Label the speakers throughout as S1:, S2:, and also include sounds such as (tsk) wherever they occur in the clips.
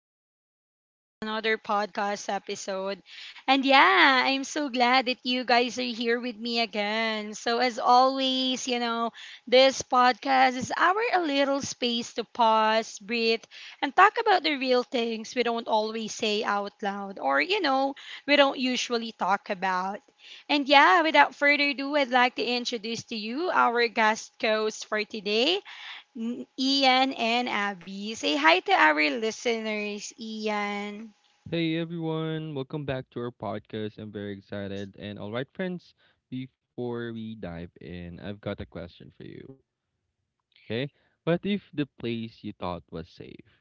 S1: and welcome back to another podcast episode. And yeah, I'm so glad that you guys are here with me again. So, as always, you know, this podcast is our a little space to pause, breathe, and talk about the real things we don't always say out loud or, you know, we don't usually talk about. And yeah, without further ado, I'd like to introduce to you our guest host for today. Ian and Abby. Say hi to our listeners, Ian.
S2: Hey everyone, welcome back to our podcast. I'm very excited. And all right, friends, before we dive in, I've got a question for you. Okay? What if the place you thought was safe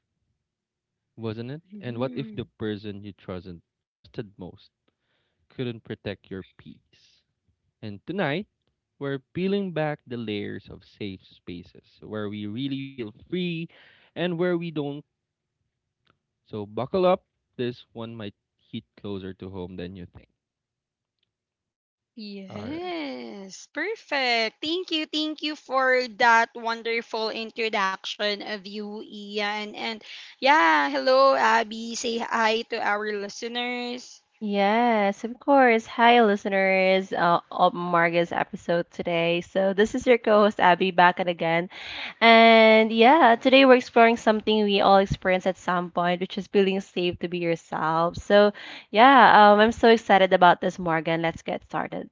S2: wasn't it? And what if the
S1: Mhm.
S2: person you trusted most couldn't protect your peace? And tonight, we're peeling back the layers of safe spaces where we really feel free and where we don't. So buckle up. This one might hit closer to home than you think. All right.
S1: Yes, perfect. Thank you for that wonderful introduction of you, Ian. And yeah, hello, Abby. Say hi to our listeners.
S3: Yes, of course. Hi, listeners of Marga's episode today. So, this is your co host, Abby, back at again. And yeah, today we're exploring something we all experience at some point, which is feeling safe to be yourself. So, yeah, I'm so excited about this, Morgan. Let's get started.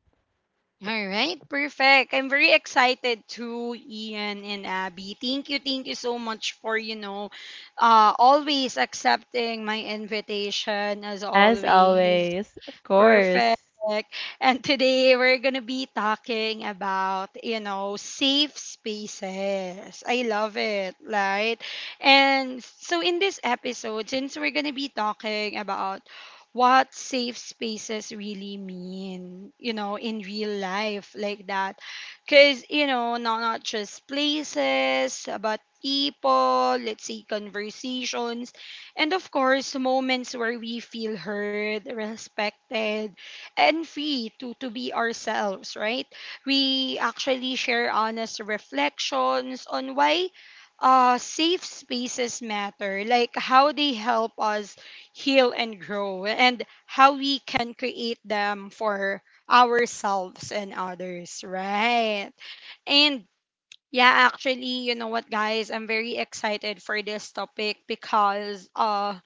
S1: All right, perfect. I'm very excited too, Ian and Abby. Thank you so much for, you know, always accepting my invitation as
S3: As
S1: always.
S3: always, of
S1: Perfect.
S3: course.
S1: And today we're going to be talking about, you know, safe spaces. I love it, right? And so in this episode, since we're going to be talking about what safe spaces really mean, you know, in real life like that. Cuz, you know, not just places, but people, let's say conversations and of course, moments where we feel heard, respected, and free to be ourselves, right? We actually share honest reflections on why safe spaces matter, like how they help us heal and grow, and how we can create them for ourselves and others, right? And yeah, actually, you know what, guys? I'm very excited for this topic because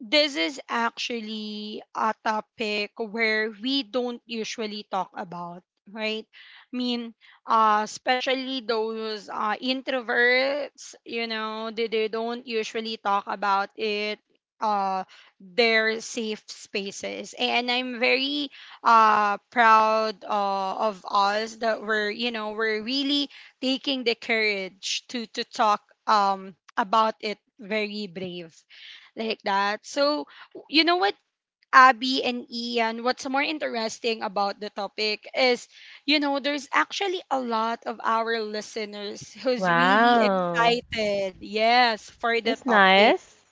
S1: this is actually a topic where we don't usually talk about, right? I mean especially those introverts, you know, they don't usually talk about it, uh their safe spaces, and I'm very proud, of us that we're, you know, we're really taking the courage to talk about it, very brave like that. So, you know what, Abby and Ian, what's more interesting about the topic is, you know, there's actually a lot of our listeners who's really
S3: Wow.
S1: excited, yes, for the
S3: That's
S1: topic.
S3: nice.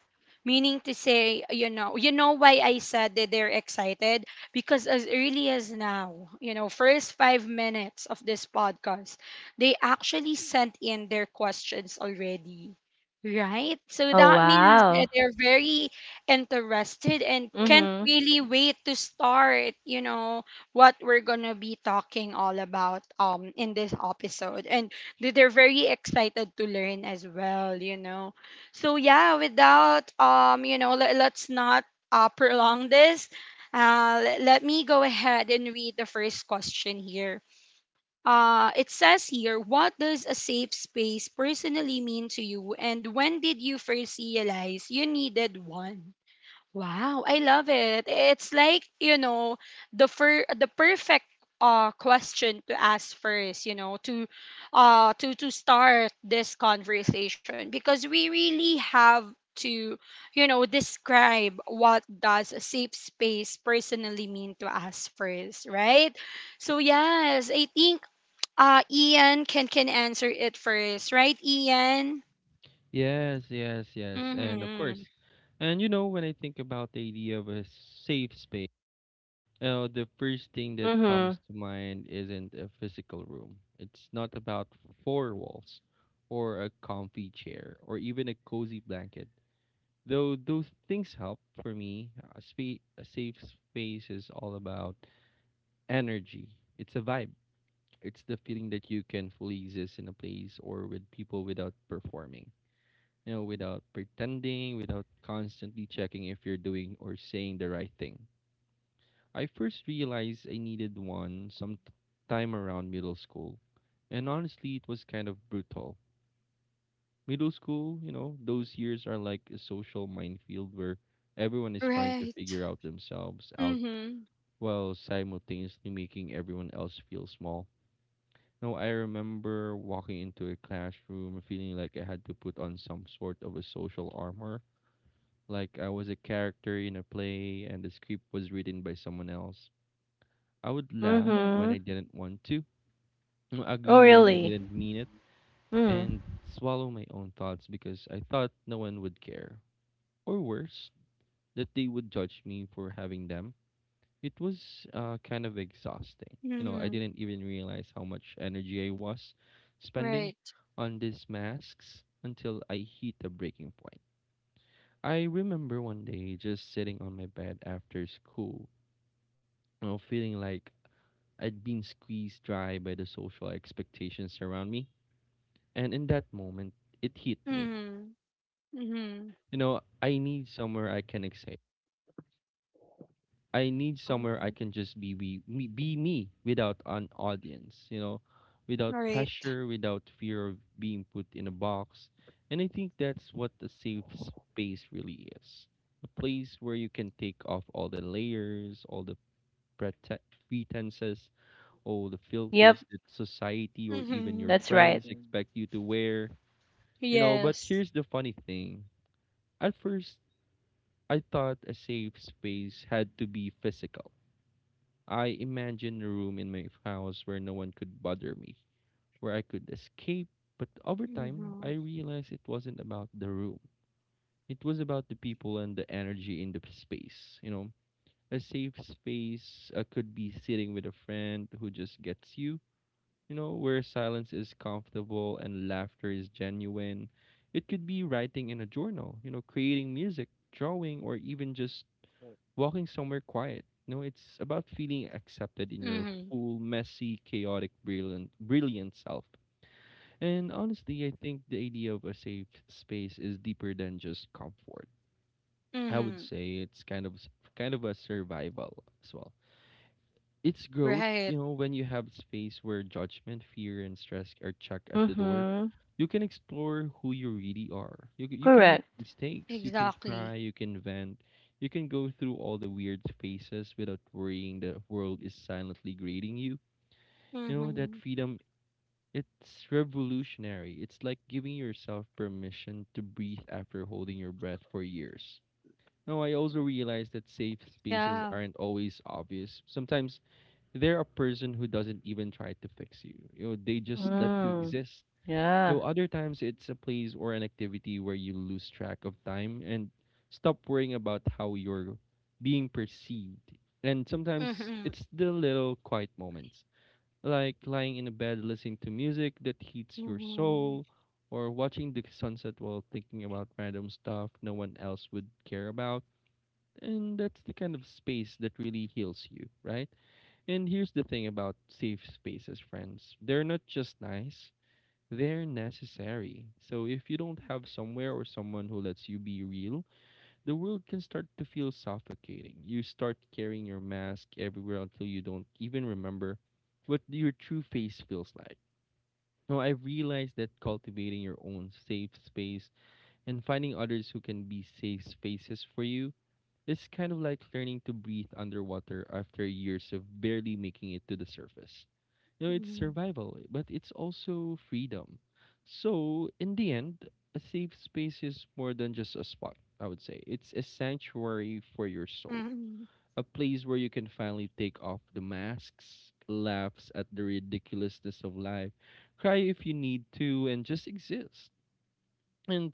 S1: Meaning to say, you know why I said that they're excited? Because as early as now, you know, first 5 minutes of this podcast, they actually sent in their questions already. Right? So
S3: Oh,
S1: that means
S3: wow.
S1: that they're very interested and can't
S3: Mm
S1: really wait to start, you know, what we're gonna be talking all about in this episode. And they're very excited to learn as well, you know. So yeah, without you know, let's not prolong this. Let me go ahead and read the first question here. It says here, what does a safe space personally mean to you, and when did you first realize you needed one? Wow, I love it. It's like, you know, the perfect question to ask first, you know, to to start this conversation because we really have to, you know, describe what does a safe space personally mean to us first, right? So yes, I think Ian can answer it first, right, Ian?
S2: Yes, yes, yes, and of
S1: Mhm.
S2: course, and you know when I think about the idea of a safe space, the first thing
S3: hmm.
S2: that
S3: Mm
S2: comes to mind isn't a physical room. It's not about four walls, or a comfy chair, or even a cozy blanket. Though those things help for me, a safe space is all about energy. It's a vibe. It's the feeling that you can fully exist in a place or with people without performing, you know, without pretending, without constantly checking if you're doing or saying the right thing. I first realized I needed one sometime around middle school, and honestly, it was kind of brutal. Middle school, you know, those years are like a social minefield where everyone is trying to
S1: Right.
S2: figure out themselves out
S1: Mhm.
S2: while simultaneously making everyone else feel small. Now, I remember walking into a classroom feeling like I had to put on some sort of a social armor, like I was a character in a play and the script was written by someone else. I would
S3: hmm. Mm
S2: laugh when I
S3: hmm.
S2: didn't want to, (clears throat)
S3: Oh,
S2: agree when I
S3: really?
S2: didn't mean it,
S3: Mm.
S2: and swallow my own thoughts because I thought no one would care. Or worse, that they would judge me for having them. It was kind of exhausting. You know, I
S1: Mhm.
S2: didn't even realize how much energy I was spending
S1: Right.
S2: on these masks until I hit a breaking point. I remember one day just sitting on my bed after school, you know, feeling like I'd been squeezed dry by the social expectations around me. And in that moment, it hit me.
S1: Mhm. Mhm.
S2: You know, I need somewhere I can excel. I need somewhere I
S1: Mhm.
S2: can just me, be me without an audience, you know, without
S1: Right.
S2: pressure, without fear of being put in a box. And I think that's what a safe space really is. A place where you can take off all the layers, all the prete- pretenses, oh, the
S3: Yep.
S2: filters that society or even your
S1: Mhm.
S3: That's right.
S2: friends expect you to wear. You know, but
S1: Yes.
S2: here's the funny thing. At first, I thought a safe space had to be physical. I imagined a room in my house where no one could bother me, where I could escape. But over time, I
S1: Mhm.
S2: realized it wasn't about the room. It was about the people and the energy in the space. You know, a safe space could be sitting with a friend who just gets you, you know, where silence is comfortable and laughter is genuine. It could be writing in a journal, you know, creating music, drawing, or even just walking somewhere quiet. You know, it's about feeling accepted in your
S1: Mhm.
S2: full, messy, chaotic, brilliant self. And honestly, I think the idea of a safe space is deeper than just comfort. I would
S1: Mhm.
S2: say it's kind of a survival as well. It's growth,
S1: Right.
S2: you know, when you have space where judgment, fear, and stress are checked at the door,
S3: Mm-hmm.
S2: you can explore who you really are. You can make
S3: Correct.
S2: mistakes, you can
S1: Exactly.
S2: cry, you can vent, you can go through all the weird phases without worrying the world is silently grading you. You know, that
S1: Mhm.
S2: freedom, it's revolutionary. It's like giving yourself permission to breathe after holding your breath for years. Now I also realize that safe spaces
S1: Yeah.
S2: aren't always obvious. Sometimes they're a person who doesn't even try to fix you. You know, they just let you
S3: Mm.
S2: exist.
S3: Yeah.
S2: Though other times it's a place or an activity where you lose track of time and stop worrying about how you're being perceived. And sometimes
S1: Mhm.
S2: it's the little quiet moments, like lying in a bed listening to music that heats your
S1: Mhm.
S2: soul, or watching the sunset while thinking about random stuff no one else would care about. And that's the kind of space that really heals you, right? And here's the thing about safe spaces, friends. They're not just nice, they're necessary. So if you don't have somewhere or someone who lets you be real, the world can start to feel suffocating. You start carrying your mask everywhere until you don't even remember what your true face feels like. Now, I've realized that cultivating your own safe space and finding others who can be safe spaces for you is kind of like learning to breathe underwater after years of barely making it to the surface. You know, it's
S1: Mhm.
S2: survival, eh, but it's also freedom. So, in the end, a safe space is more than just a spot, I would say. It's a sanctuary for your soul,
S1: Mhm.
S2: a place where you can finally take off the masks, laughs at the ridiculousness of life, cry if you need to, and just exist. And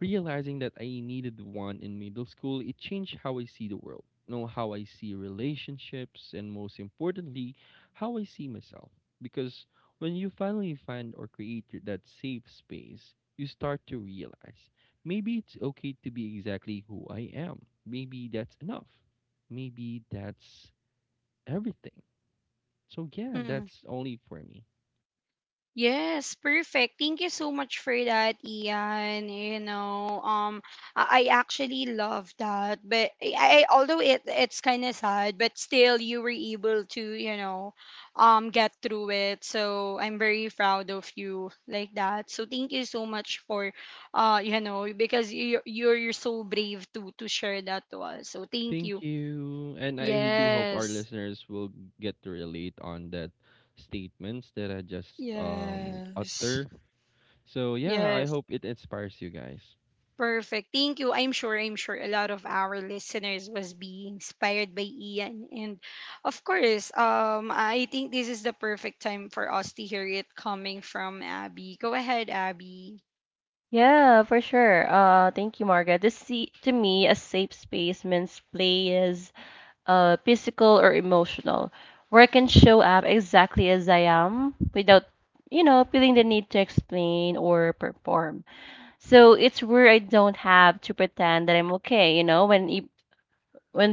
S2: realizing that I needed one in middle school, it changed how I see the world, you know, how I see relationships, and most importantly, how I see myself. Because when you finally find or that safe space, you start to realize maybe it's okay to be exactly who I am. Maybe that's enough. Maybe that's everything. So, yeah,
S1: Mhm.
S2: that's only for me.
S1: Yes, perfect. Thank you so much for that, Ian. You know, I actually love that, but I, although it's kind of sad, but still you were able to, you know, get through it. So I'm very proud of you like that. So thank you so much for, you know, because you're so brave to share that to us. So thank
S2: Thank
S1: you.
S2: you. And I do hope our
S1: Yes.
S2: listeners will get to relate on that statements that I just
S1: Yes.
S2: utter. So yeah, I
S1: Yes.
S2: hope it inspires you guys.
S1: Perfect. Thank you. I'm sure a lot of our listeners was being inspired by Ian. And of course, I think this is the perfect time for us to hear it coming from Abby. Go ahead, Abby.
S3: Yeah, for sure. Thank you, Margaret. This see, to me, a safe space means play is physical or emotional, where I can show up exactly as I am without feeling the need to explain or perform. So it's where I don't have to pretend that I'm okay, you know, when when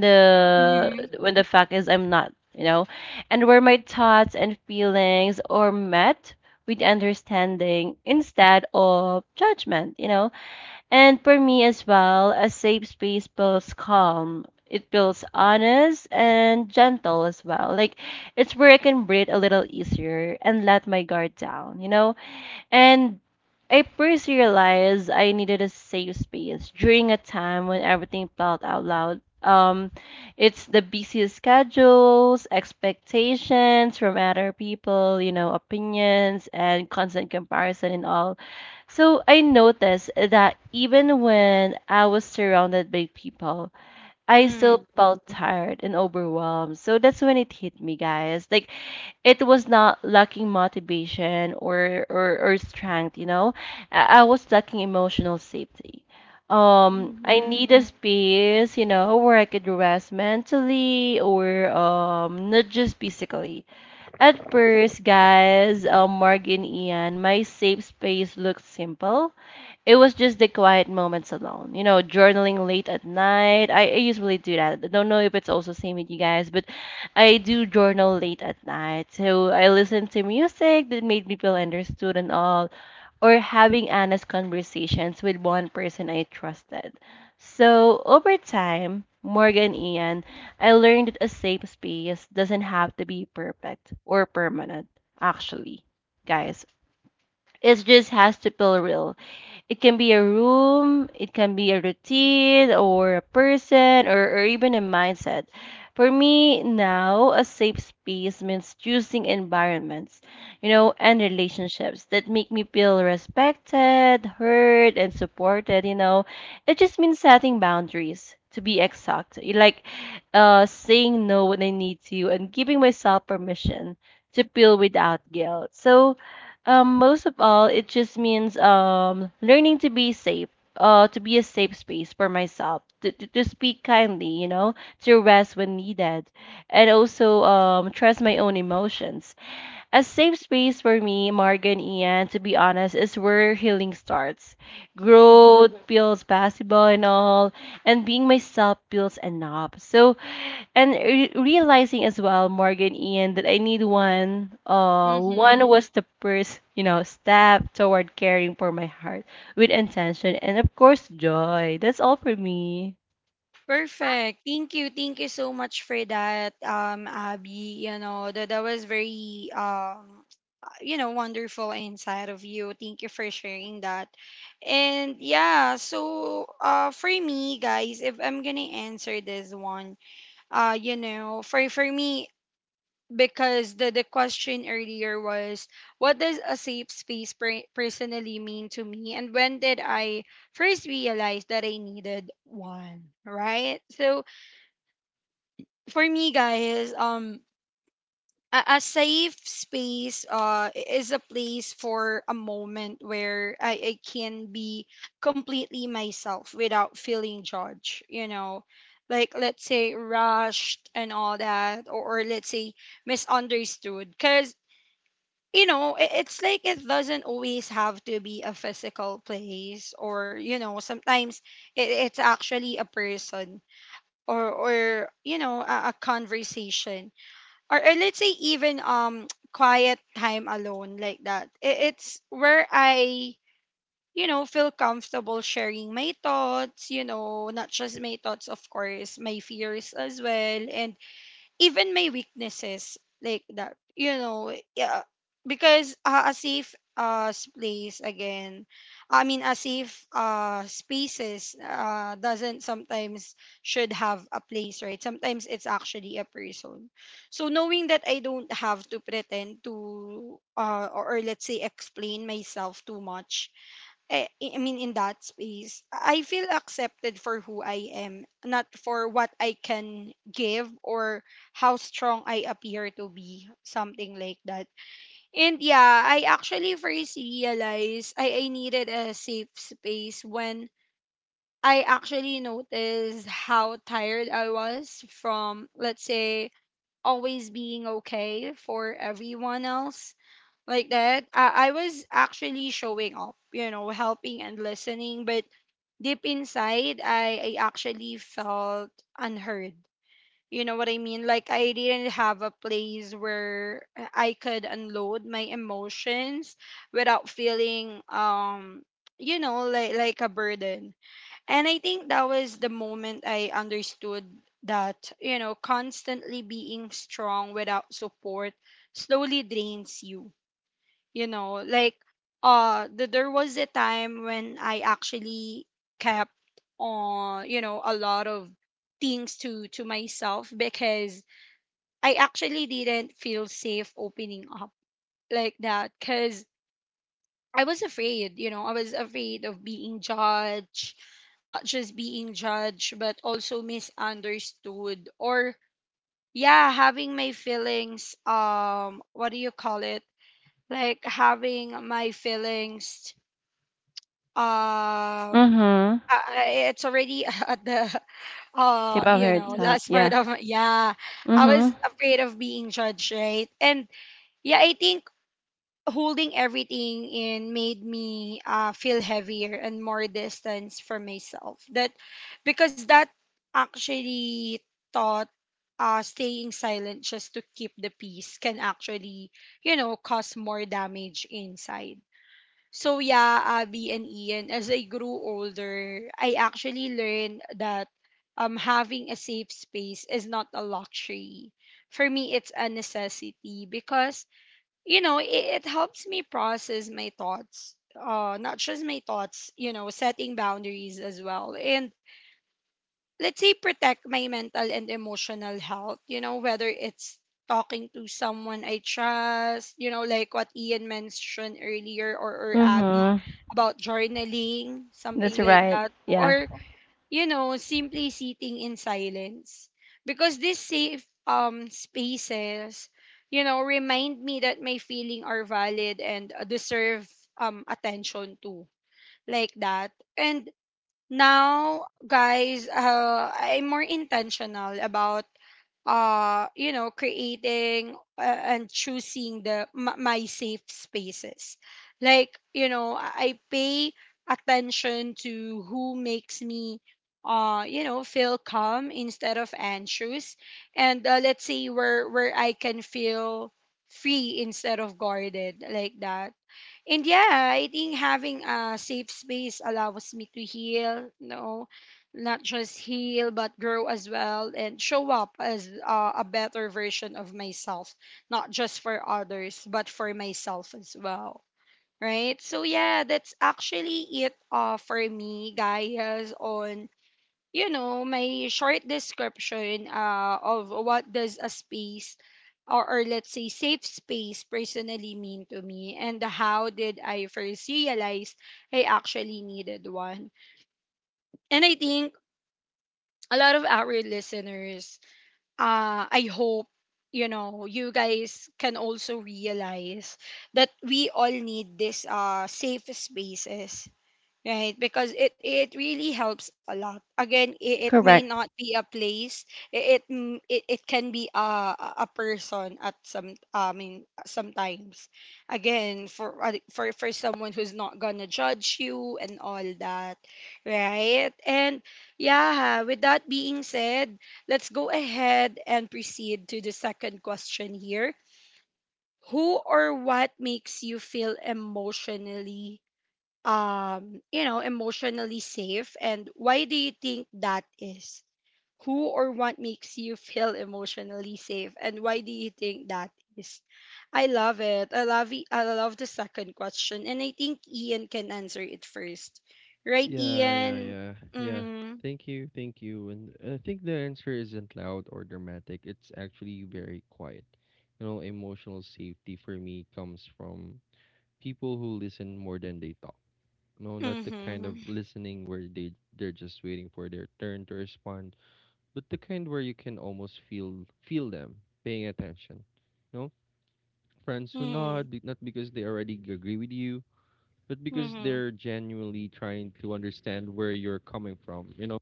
S1: Mm-hmm.
S3: the when the fact is I'm not, you know? And where my thoughts and feelings are met with understanding instead of judgment, you know? And for me as well, a safe space feels calm. It feels honest and gentle as well. Like it's where I can breathe a little easier and let my guard down, you know? And I first realized I needed a safe space during a time when everything felt out loud. It's the busy schedules, expectations from other people opinions, and constant comparison and all. So I noticed that even when I was surrounded by people, I still
S1: Mm-hmm.
S3: felt tired and overwhelmed. So that's when it hit me, guys. Like it was not lacking motivation or strength. I was lacking emotional safety. I need
S1: Mm-hmm.
S3: a space you know where I could rest mentally or not just physically. At first guys, Mark and Ian, my safe space looked simple. It was just the quiet moments alone. Journaling late at night. I usually do that. I don't know if it's also same with you guys, but I do journal late at night. So I listen to music that made me feel understood and all, or having honest conversations with one person I trusted. So over time, Morgan Ian, I learned that a safe space doesn't have to be perfect or permanent, actually, guys. It just has to feel real. It can be a room, it can be a routine, or a person, or even a mindset. For me now, a safe space means choosing environments and relationships that make me feel respected, heard, and supported. It just means setting boundaries, to be exact. Like saying no when I need to and giving myself permission to feel without guilt. So most of all, it just means learning to be safe, to be a safe space for myself, to speak kindly to rest when needed, and also trust my own emotions. A safe space for me, Morgan Ian, to be honest, is where healing starts. Growth feels possible and all, and being myself feels enough. So and realizing as well, Morgan, Ian, that I need one. Uh,
S1: Mm-hmm.
S3: one was the first step toward caring for my heart with intention and of course joy. That's all for me.
S1: Perfect. Thank you. Thank you so much for that, Abby. You know, that was very, you know, wonderful inside of you. Thank you for sharing that. And yeah, so for me, guys, if I'm gonna answer this one, you know, for me, because the question earlier was, what does a safe space personally mean to me, and when did I first realize that I needed one, right? So for me, guys, a safe space is a place for a moment where I can be completely myself without feeling judged, you know, like let's say rushed and all that, or let's say misunderstood, because you know, it's like it doesn't always have to be a physical place, or you know sometimes it's actually a person, or you know a conversation, or let's say even (tsk) quiet time alone like that. It's where I, you know, feel comfortable sharing my thoughts, you know, not just my thoughts, of course my fears as well, and even my weaknesses, like that, you know. Yeah, because a safe place again, I mean a safe spaces doesn't sometimes should have a place, right? Sometimes it's actually a person. So knowing that I don't have to pretend to, or let's say explain myself too much, I mean, in that space, I feel accepted for who I am, not for what I can give or how strong I appear to be, something like that. And yeah, I actually first realized I needed a safe space when I actually noticed how tired I was from, let's say, always being okay for everyone else. Like that, I was actually showing up, you know, helping and listening, but deep inside, I actually felt unheard. You know what I mean? Like, I didn't have a place where I could unload my emotions without feeling, you know, like a burden. And I think that was the moment I understood that, you know, constantly being strong without support slowly drains you, you know, like, there was a time when I actually kept on, you know, a lot of things to myself because I actually didn't feel safe opening up like that, because I was afraid, you know, I was afraid of being judged, not just being judged but also misunderstood, or yeah, having my feelings, what do you call it, like having my feelings um
S3: Mm-hmm.
S1: uh, it's already (laughs) at the
S3: Tip of
S1: you
S3: her
S1: know
S3: tongue.
S1: last
S3: Yeah.
S1: part of my, yeah. I
S3: Mm-hmm.
S1: was afraid of being judged, right? And yeah, I think holding everything in made me feel heavier and more distance from myself, that because that actually taught, staying silent just to keep the peace can actually, you know, cause more damage inside. So yeah, Abby and Ian, as I grew older, I actually learned that having a safe space is not a luxury. For me, it's a necessity, because you know it, it helps me process my thoughts. Not just my thoughts, you know, setting boundaries as well. And let's say protect my mental and emotional health, you know, whether it's talking to someone I trust, you know, like what Ian mentioned earlier, or Abby
S3: Mm-hmm.
S1: about journaling,
S3: That's
S1: something like
S3: right.
S1: that,
S3: Yeah.
S1: or you know simply sitting in silence, because these safe spaces, you know, remind me that my feelings are valid and deserve attention too, like that. And now guys, I'm more intentional about you know creating, and choosing the my safe spaces, like you know I pay attention to who makes me you know feel calm instead of anxious, and let's say where I can feel free instead of guarded, like that. And yeah, I think having a safe space allows me to heal, no, not just heal, but grow as well, and show up as a better version of myself, not just for others, but for myself as well. Right? So yeah, that's actually it, for me, guys, on you know, my short description of what does a space, or let's say safe space personally mean to me and how did I first realize I actually needed one. And I think a lot of our listeners, I hope, you know, you guys can also realize that we all need this safe spaces. Right, because it really helps a lot. Again, it may
S3: Correct.
S1: not be a place. It can be a person at some, I mean sometimes. Again, for someone who's not gonna judge you and all that, right? And yeah, with that being said, let's go ahead and proceed to the second question here. Who or what makes you feel emotionally, you know, emotionally safe? And why do you think that is? Who or what makes you feel emotionally safe? And why do you think that is? I love it. I love it. I love the second question. And I think Ian can answer it first. Right,
S2: Yeah, yeah,
S1: Ian?
S2: yeah, yeah.
S1: Mm-hmm.
S2: Thank you, thank you. And I think the answer isn't loud or dramatic. It's actually very quiet. You know, emotional safety for me comes from people who listen more than they talk. No, not the kind
S1: Mm-hmm.
S2: of listening where they're just waiting for their turn to respond, but the kind where you can almost feel them paying attention. You know, friends who
S1: Mm-hmm.
S2: nod, not because they already agree with you, but because
S1: Mm-hmm.
S2: they're genuinely trying to understand where you're coming from, you know?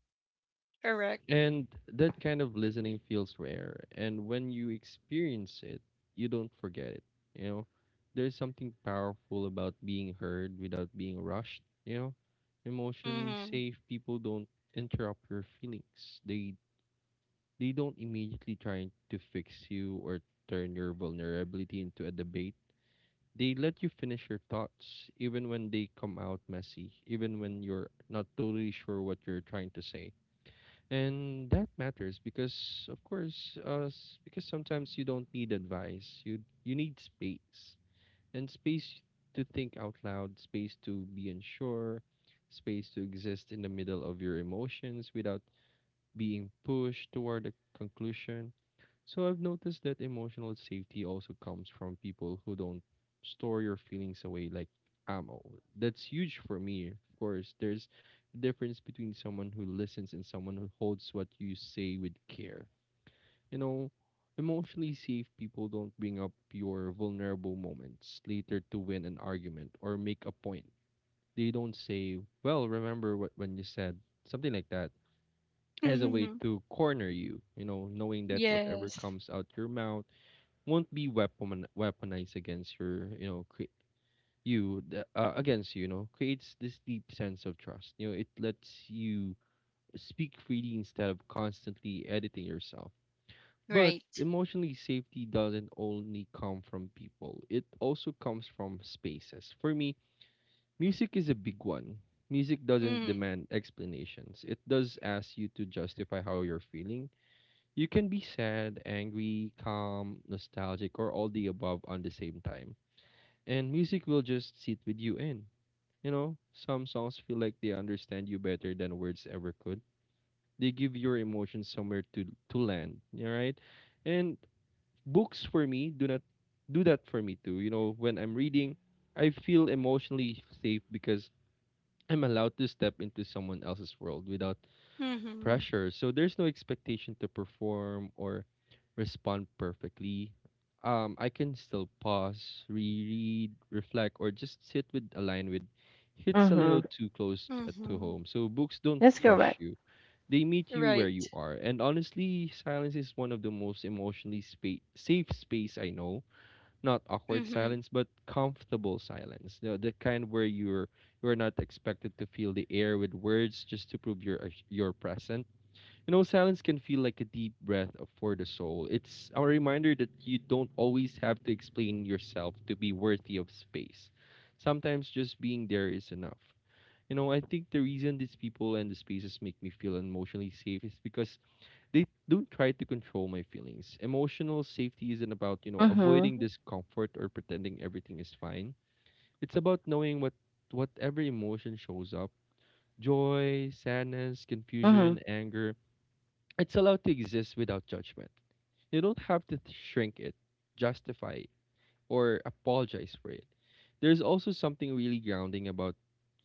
S1: Correct.
S2: And that kind of listening feels rare. And when you experience it, you don't forget it, you know? There's something powerful about being heard without being rushed, you know? Emotionally
S1: Mm-hmm.
S2: safe people don't interrupt your feelings. They don't immediately try to fix you or turn your vulnerability into a debate. They let you finish your thoughts even when they come out messy, even when you're not totally sure what you're trying to say. And that matters because of course because sometimes you don't need advice. You need space. And space to think out loud, space to be unsure, space to exist in the middle of your emotions without being pushed toward a conclusion. So I've noticed that emotional safety also comes from people who don't store your feelings away like ammo. That's huge for me, of course. There's a difference between someone who listens and someone who holds what you say with care. You know, emotionally safe people don't bring up your vulnerable moments later to win an argument or make a point. They don't say, "Well, remember what when you said," something like that, as a way
S1: Mm-hmm.
S2: to corner you, you know, knowing that whatever
S1: Yes.
S2: comes out your mouth won't be weaponized against against you, you know, creates this deep sense of trust. You know, it lets you speak freely instead of constantly editing yourself. But
S1: Right.
S2: emotionally safety doesn't only come from people, it also comes from spaces. For me, music is a big one. Music doesn't
S1: Mm-hmm.
S2: demand explanations, it does ask you to justify how you're feeling. You can be sad, angry, calm, nostalgic, or all the above on the same time. And music will just sit with you in. You know, some songs feel like they understand you better than words ever could. They give your emotions somewhere to land. All right, and books for me do not do that for me too. You know, when I'm reading, I feel emotionally safe because I'm allowed to step into someone else's world without
S1: Mm-hmm.
S2: pressure. So there's no expectation to perform or respond perfectly. I can still pause, reread, reflect, or just sit with a line with hits a
S3: Mm-hmm.
S2: little too close to
S1: Mm-hmm.
S2: home. So books don't
S3: That's
S2: rush
S3: correct.
S2: you. They meet you where you
S1: Right.
S2: are. And honestly, silence is one of the most safe space I know. Not awkward
S1: Mm-hmm.
S2: silence, but comfortable silence. You know, the kind where you're not expected to fill the air with words just to prove your presence. You know, silence can feel like a deep breath for the soul. It's a reminder that you don't always have to explain yourself to be worthy of space. Sometimes just being there is enough. You know, I think the reason these people and the spaces make me feel emotionally safe is because they don't try to control my feelings. Emotional safety isn't about, avoiding
S3: Mm-hmm.
S2: discomfort or pretending everything is fine. It's about knowing what whatever emotion shows up — joy, sadness,
S3: Mm-hmm.
S2: confusion, anger — it's allowed to exist without judgment. You don't have to shrink it, justify it, or apologize for it. There's also something really grounding about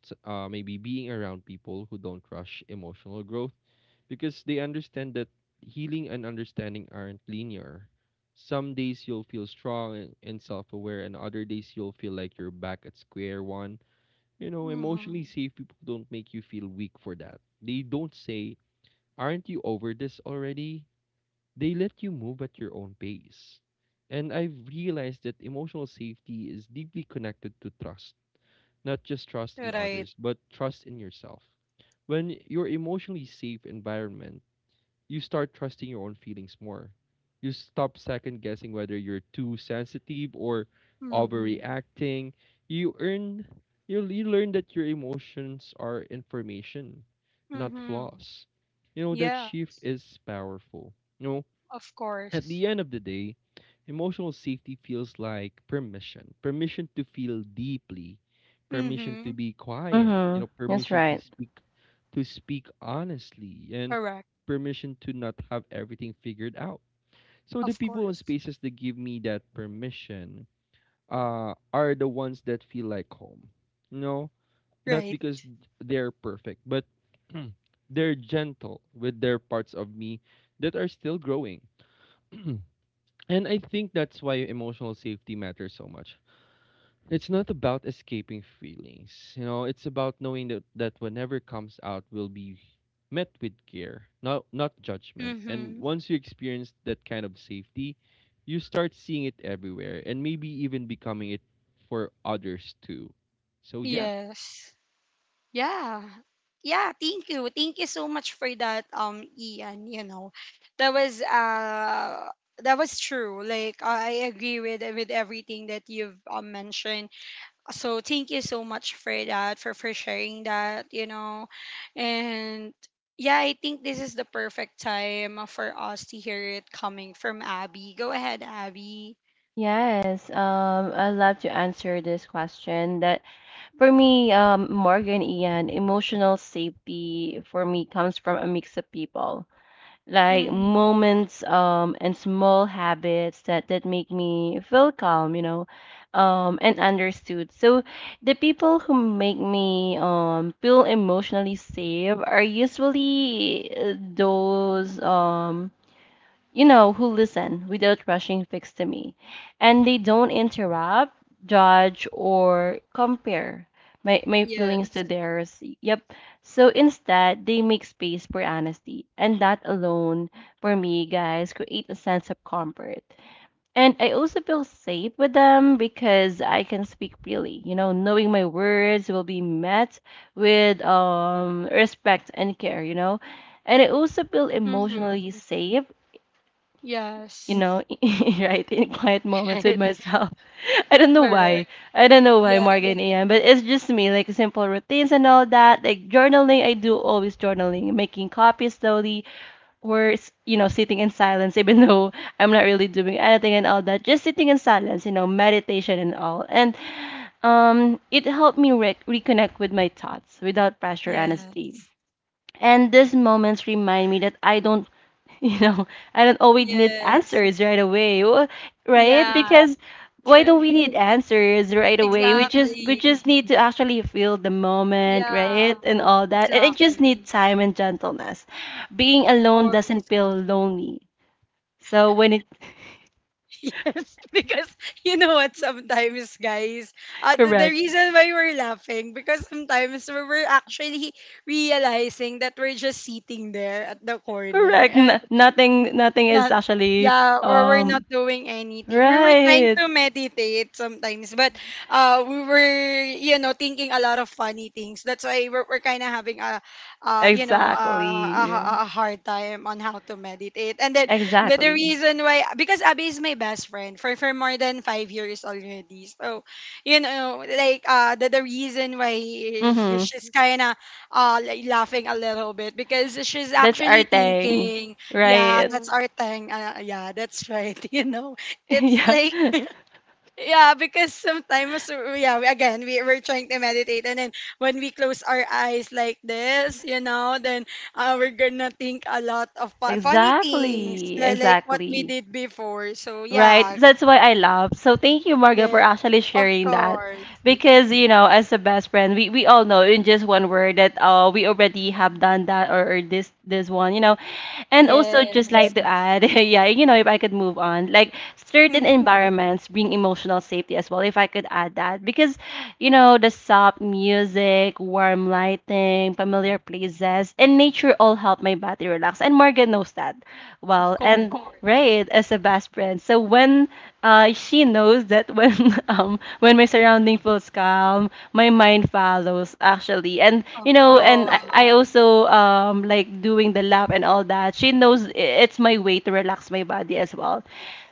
S2: maybe being around people who don't rush emotional growth because they understand that healing and understanding aren't linear. Some days you'll feel strong and self aware, and other days you'll feel like you're back at square one. You know, emotionally
S1: Mm-hmm.
S2: safe people don't make you feel weak for that. They don't say, "Aren't you over this already?" They let you move at your own pace. And I've realized that emotional safety is deeply connected to trust, not just trust in
S1: Right.
S2: others, but trust in yourself. When you're emotionally safe environment, you start trusting your own feelings more. You stop second guessing whether you're too sensitive or
S1: Mhm.
S2: overreacting. You earn you learn that your emotions are information, not
S1: Mhm.
S2: flaws. You know that
S1: Yeah,
S2: shift is powerful. You know,
S1: of
S2: at
S1: course.
S2: the end of the day, emotional safety feels like permission to feel deeply, permission to
S1: Mhm.
S2: be quiet, you
S3: Mm-hmm.
S2: know,
S3: That's
S2: permission
S3: right.
S2: to speak honestly, and
S1: Correct.
S2: permission to not have everything figured out. So the
S1: Of
S2: people and
S1: course.
S2: spaces that give me that permission are the ones that feel like home. You know, not
S1: Right.
S2: because they're perfect, but (clears throat) they're gentle with their parts of me that are still growing. (clears throat) And I think that's why emotional safety matters so much. It's not about escaping feelings, you know, it's about knowing that whenever comes out will be met with care, not judgment. And
S1: Mhm.
S2: once you experience that kind of safety, you start seeing it everywhere and maybe even becoming it for others too. So yeah.
S1: Yes. Yeah. Yeah, thank you. Thank you so much for that, Ian, you know. That was uh that was true. Like I agree with everything that you've mentioned, so thank you so much for that, for sharing that. And yeah, I think this is the perfect time for us to hear it coming from Abby. Go ahead, Abby.
S3: Yes. I'd love to answer this question that For me, Morgan, Ian, emotional safety for me comes from a mix of people, like
S1: Mm-hmm.
S3: moments and small habits that make me feel calm, and understood. So the people who make me feel emotionally safe are usually those who listen without rushing fix to me. And they don't interrupt, judge, or compare my
S1: Yeah.
S3: feelings to theirs. Yep. So instead, they make space for honesty. And that alone, for me, guys, create a sense of comfort. And I also feel safe with them because I can speak freely. Knowing my words will be met with respect and care. And I also feel emotionally
S1: Mm-hmm.
S3: safe you
S1: Yes.
S3: know, (laughs) right, in quiet
S1: (laughs)
S3: moments with
S1: Right.
S3: myself. (laughs) I don't know
S1: Correct.
S3: why. I don't know why,
S1: Yeah.
S3: Morgan AM, but it's just me, like simple routines and all that. Like journaling, I do always journaling, making copies slowly, or, sitting in silence, (laughs) even though I'm not really doing anything and all that. Just sitting in silence meditation and all. And it helped me reconnect with my thoughts without pressure, honestly.
S1: Yes.
S3: And these moments remind me that I don't you know (laughs) I don't always need
S1: Yes.
S3: answers right away. Right,
S1: Yeah.
S3: because why don't
S1: (laughs)
S3: we need answers right away? We just, we
S1: Exactly.
S3: just need to actually feel the moment
S1: Yeah.
S3: right, and all that, and it
S1: Exactly.
S3: just need time and gentleness. Being
S1: Of
S3: alone doesn't
S1: course.
S3: feel lonely. So when it.
S1: Yes, (laughs) because you know what, sometimes, guys, the
S3: Correct.
S1: reason why we're laughing, because sometimes we're actually realizing that we're just sitting there at the
S3: Correct.
S1: corner.
S3: Nothing is
S1: Not
S3: actually
S1: yeah, or we're not
S3: um
S1: doing anything. We were trying
S3: right.
S1: to meditate sometimes, but we were, you know, thinking a lot of funny things. That's why we're kind of having a uh you know, uh, a,
S3: Exactly,
S1: ha- a hard time on how to meditate. And then the
S3: exactly.
S1: reason why, because Abby is my best friend for more than 5 years already. So, you know, like the reason why
S3: Mm-hmm.
S1: she's kind of like laughing a little bit, because she's
S3: That's our
S1: actually
S3: thing,
S1: thinking. Yeah,
S3: right.
S1: that's our thing. Yeah, that's right. (laughs) You know, it's
S3: (laughs) Yeah.
S1: like, yeah, because sometimes yeah, we- again we we're trying to meditate, and then when we close our eyes like this, you know, then we're gonna think a lot of funny things,
S3: Exactly,
S1: like what we
S3: exactly.
S1: did before. So
S3: Right.
S1: yeah,
S3: That's why I love. So thank you, Marga, for
S1: yeah,
S3: actually
S1: of
S3: sharing that.
S1: course,
S3: Because as a best friend, we all know in just one word that we already have done that, or this this one. And also just like
S1: yes,
S3: to add, (laughs) yeah, if I could move on, like certain
S1: Mhm.
S3: environments bring emotional safety as well, if I could add that. Because the soft music, warm lighting, familiar places, and nature all help my body relax. And Morgan knows that well.
S1: Of
S3: And
S1: course,
S3: right as a best friend. So when she knows that when (laughs) when my surrounding feels calm, my mind follows actually. And you
S1: of
S3: know, and I
S1: course,
S3: also like doing the lap and all that. She knows it's my way to relax my body as well.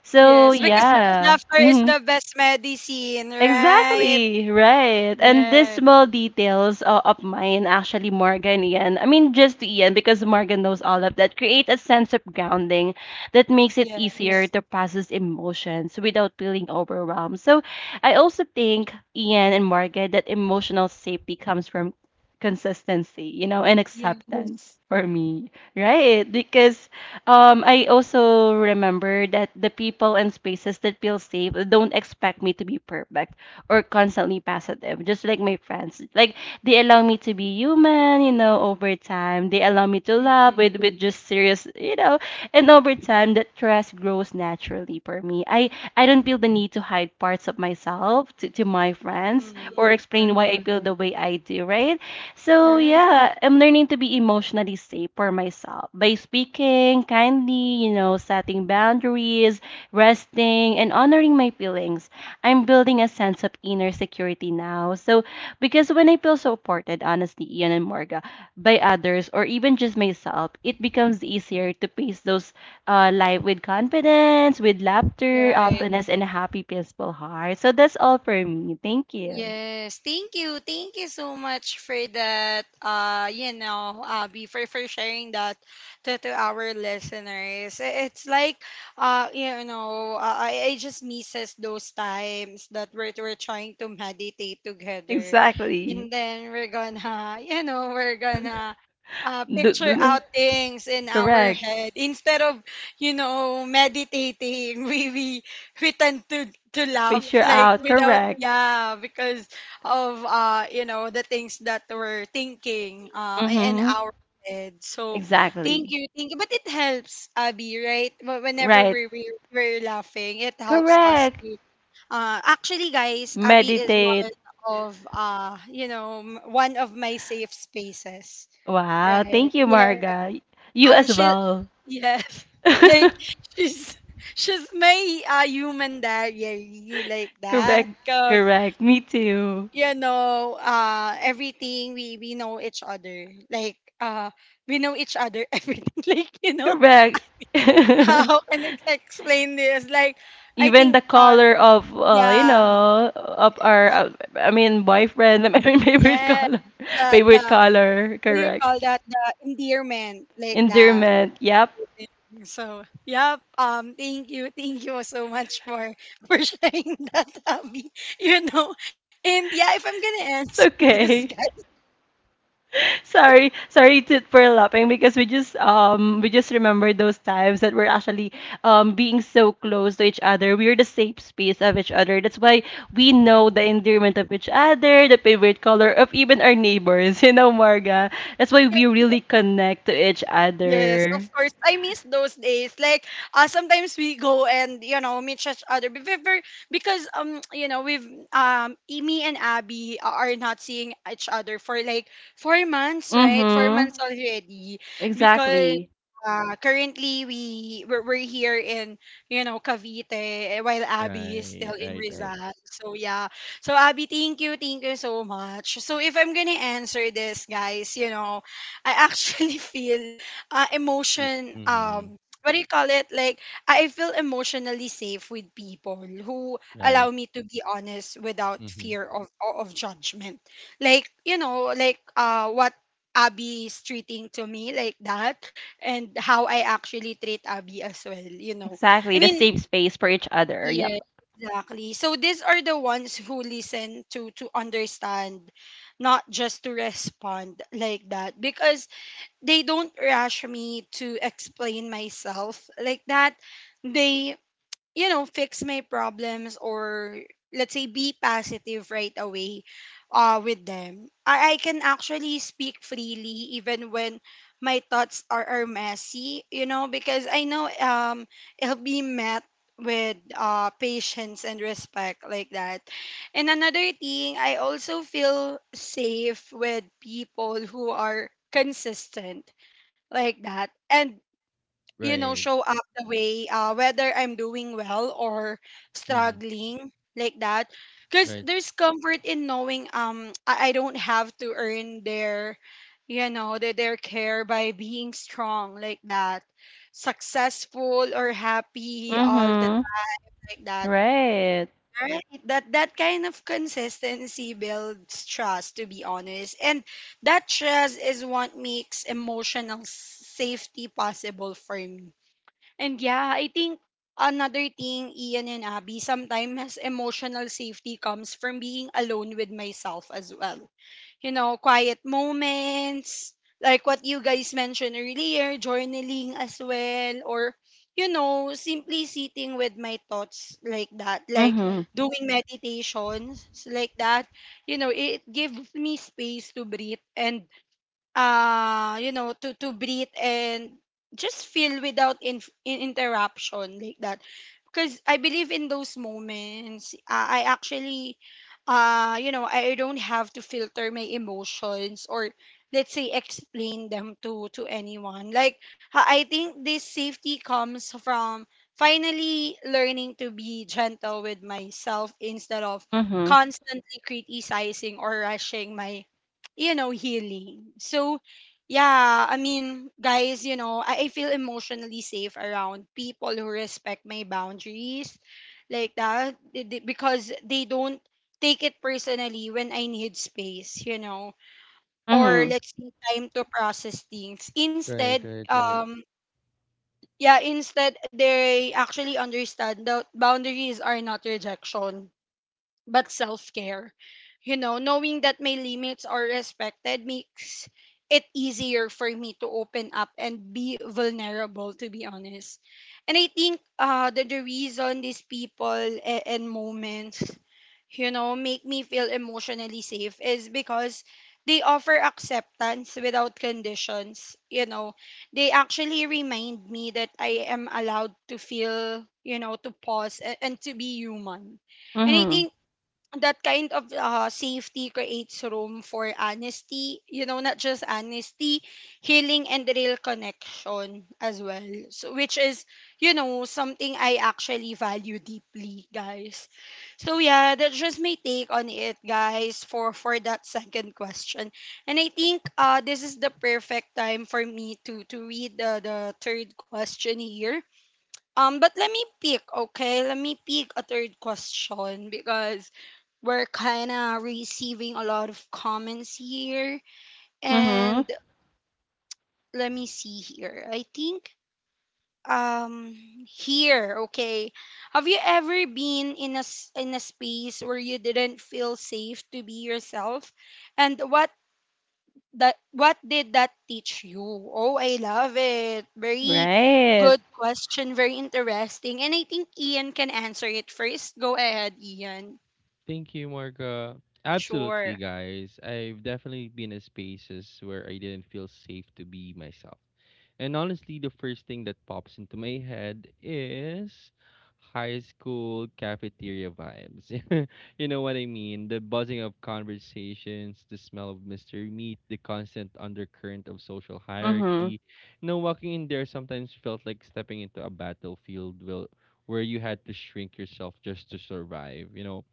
S3: So
S1: yes, because
S3: yeah,
S1: laughter
S3: so
S1: is
S3: yeah.
S1: the best medicine, right?
S3: Exactly, right. And these
S1: Yes,
S3: small details of mine, actually, Morgan, Ian, I mean, just to Ian, because Morgan knows all of that, create a sense of grounding that makes it easier
S1: yes.
S3: to process emotions without feeling overwhelmed. So I also think, Ian and Morgan, that emotional safety comes from consistency, and acceptance
S1: Yes.
S3: for me, right? Because I also remember that the people and spaces that feel safe don't expect me to be perfect or constantly positive, just like my friends. Like they allow me to be human over time. They allow me to laugh with just serious, and over time that trust grows naturally for me. I don't feel the need to hide parts of myself to my friends or
S1: Mm-hmm.
S3: explain why I
S1: Right.
S3: feel the way I do, right? So
S1: Right.
S3: yeah, I'm learning to be emotionally safe for myself by speaking kindly, setting boundaries, resting, and honoring my feelings. I'm building a sense of inner security now. So because when I feel supported, honestly, Ian and Morga, by others or even just myself, it becomes easier to face those life with confidence, with laughter,
S1: Right.
S3: openness, and a happy, peaceful heart. So that's all for me. Thank you.
S1: Yes, thank you. Thank you so much for that. You know, Abby, for sharing that to our listeners. I- It's like, you know, I just misses those times that we're trying to meditate together, and
S3: Exactly.
S1: then we're gonna, (laughs) you know, we're gonna.
S3: (laughs) Do-
S1: Picture
S3: do-
S1: out things in our
S3: Correct.
S1: head instead of, you know, meditating. (laughs) we We tend to laugh (laughs)
S3: Picture
S1: like
S3: out.
S1: without,
S3: Correct.
S1: yeah, because of you know the things that we're thinking in
S3: Mm-hmm.
S1: our head. So thank
S3: Exactly.
S1: you, thank you. But it helps, Abby, right? Whenever
S3: Right.
S1: we're laughing, it helps us
S3: Correct.
S1: to actually, guys, Abby is
S3: Meditate.
S1: one of you know, one of my safe spaces,
S3: Wow.
S1: right?
S3: Thank you,
S1: Yeah.
S3: Marga. You as
S1: She,
S3: well.
S1: yes,
S3: (laughs)
S1: (laughs) like, she's she's my human diary like that,
S3: Correct.
S1: cause
S3: Correct. Me too.
S1: you know, everything, we know each other, like we know each other, (laughs) everything, like, you know,
S3: Correct.
S1: how
S3: (laughs)
S1: and explain this, like, I
S3: Even
S1: think
S3: the color of,
S1: yeah,
S3: of our,
S1: y-
S3: I mean, boyfriend, (laughs) I mean, favorite
S1: yeah,
S3: color. (laughs)
S1: the
S3: Favorite
S1: the
S3: color.
S1: what do you
S3: Correct.
S1: call that? The endearment like that.
S3: Endearment. Yep.
S1: So, yeah, thank you, (laughs) thank you so much for (laughs) for sharing that, Abby. You know, and yeah, if I'm gonna answer
S3: It's
S1: (laughs) this,
S3: okay.
S1: guy,
S3: Sorry, for laughing because we just remember those times that we're actually being so close to each other. We're the safe space of each other. That's why we know the endearment of each other, the favorite color of even our neighbors. (laughs) You know, Marga. That's why
S1: yeah,
S3: we really connect to each
S1: yes, of
S3: other.
S1: course. I miss those days. Like, sometimes we go and, you know, meet each other because um, (tsk) you know me and Abby are not seeing each other for like 4 months, right? Four
S3: Mm-hmm.
S1: months already, because
S3: Exactly.
S1: currently we're here in, you know, Cavite, eh, while Abby is still
S2: Right,
S1: in
S2: right,
S1: Rizal.
S2: right.
S1: So yeah. So Abby, thank you so much. So if I'm gonna answer this, guys, you know, I actually (laughs) feel
S2: Y-
S1: emotion
S2: Mhm.
S1: what do you call it like I feel emotionally safe with people who
S2: Right.
S1: allow me to be honest without
S2: Mhm.
S1: fear of judgment, like, you know, like what Abby is treating to me like that, and how I actually treat Abby as well, you know. I
S3: Exactly. The
S1: mean,
S3: safe space for each other. Yep.
S1: yeah, exactly. So these are the ones who listen to understand, not just to respond like that, because they don't rush me to explain myself like that. They, you know, fix my problems, or let's say be positive right away with them. I can actually speak freely even when my thoughts are messy, you know, because I know it'll be met with patience and respect like that. And another thing, I also feel safe with people who are consistent like that. And, you know,
S2: Right.
S1: show up the way, whether I'm doing well or
S2: Mhm.
S1: struggling, like that, because
S2: Right.
S1: there's comfort in knowing, I don't have to earn their, you know, their care by being strong like that, successful or happy, all that
S3: Mm-hmm.
S1: like that,
S3: Right.
S1: right? That that kind of consistency builds trust, to be honest, and that trust is what makes emotional safety possible for me. And yeah, I think another thing, Ian and Abby, sometimes emotional safety comes from being alone with myself as well. You know, quiet moments, like what you guys mentioned earlier, journaling as well, or, you know, simply sitting with my thoughts like that, like
S3: Mm-hmm.
S1: doing meditations like that. You know, it gives me space to breathe and to breathe and just feel without in interruption like that, because I believe in those moments I actually you know, I don't have to filter my emotions, or let's say explain them to anyone. Like, I think this safety comes from finally learning to be gentle with myself instead of
S3: Mm-hmm.
S1: constantly criticizing or rushing my, you know, healing. So, yeah, I mean, guys, you know, I feel emotionally safe around people who respect my boundaries like that, because they don't take it personally when I need space, you know, or
S3: Mm-hmm.
S1: let's say time to process things.
S2: Right,
S1: Instead,
S2: right, right.
S1: yeah, instead, they actually understand that boundaries are not rejection but self care. You know, knowing that my limits are respected makes it easier for me to open up and be vulnerable, to be honest. And I think the reason these people and moments, you know, make me feel emotionally safe is because they offer acceptance without conditions. You know, they actually remind me that I am allowed to feel, you know, to pause and to be human. And I
S3: Mm-hmm.
S1: think that kind of safety creates room for honesty, you know, not just honesty, healing and real connection as well. So, which is, you know, something I actually value deeply, guys. So yeah, that's just my take on it, guys, for that second question. And I think this is the perfect time for me to read the third question here. But let me pick, okay? Let me pick a third question because we're kind of receiving a lot of comments here.
S3: Mm-hmm.
S1: And let me see here. I think um, here, okay, have you ever been in a in a space where you didn't feel safe to be yourself, and what did that teach you? Oh, I love it. Very
S3: Right.
S1: good question, very interesting. And I think Ian can answer it first. Go ahead, Ian.
S2: Thank you, Marga. Absolutely,
S1: Sure.
S2: guys. I've definitely been in spaces where I didn't feel safe to be myself. And honestly, the first thing that pops into my head is high school cafeteria vibes. (laughs) You know what I mean? The buzzing of conversations, the smell of mystery meat, the constant undercurrent of social
S3: Mhm.
S2: hierarchy. You know, walking in there sometimes felt like stepping into a battlefield where you had to shrink yourself just to survive, you know?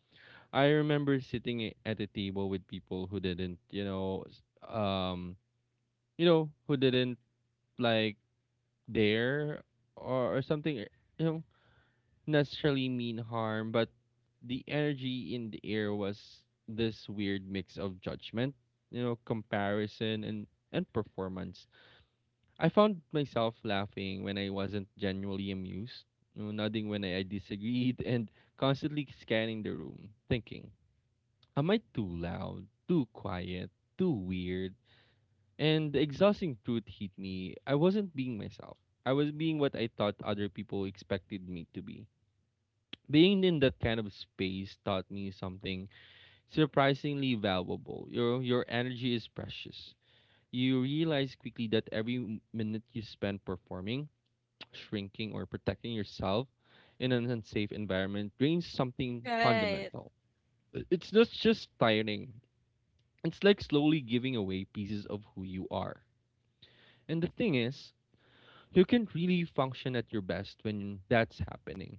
S2: I remember sitting at a table with people who didn't, who didn't like dare or, or something, eh, you know, necessarily mean harm, but the energy in the air was this weird mix of judgment, you know, comparison and performance. I found myself laughing when I wasn't genuinely amused, you know, nodding when I disagreed, (laughs) and constantly scanning the room, thinking, am I too loud, too quiet, too weird? And the exhausting truth hit me. I wasn't being myself. I was being what I thought other people expected me to be. Being in that kind of space taught me something surprisingly valuable. Your energy is precious. You realize quickly that every minute you spend performing, (tsk) shrinking, or protecting yourself in an unsafe environment drains something
S1: Right.
S2: fundamental. I- It's not just tiring. It's like slowly giving away pieces of who you are. And the thing is, you can't really function at your best when that's happening.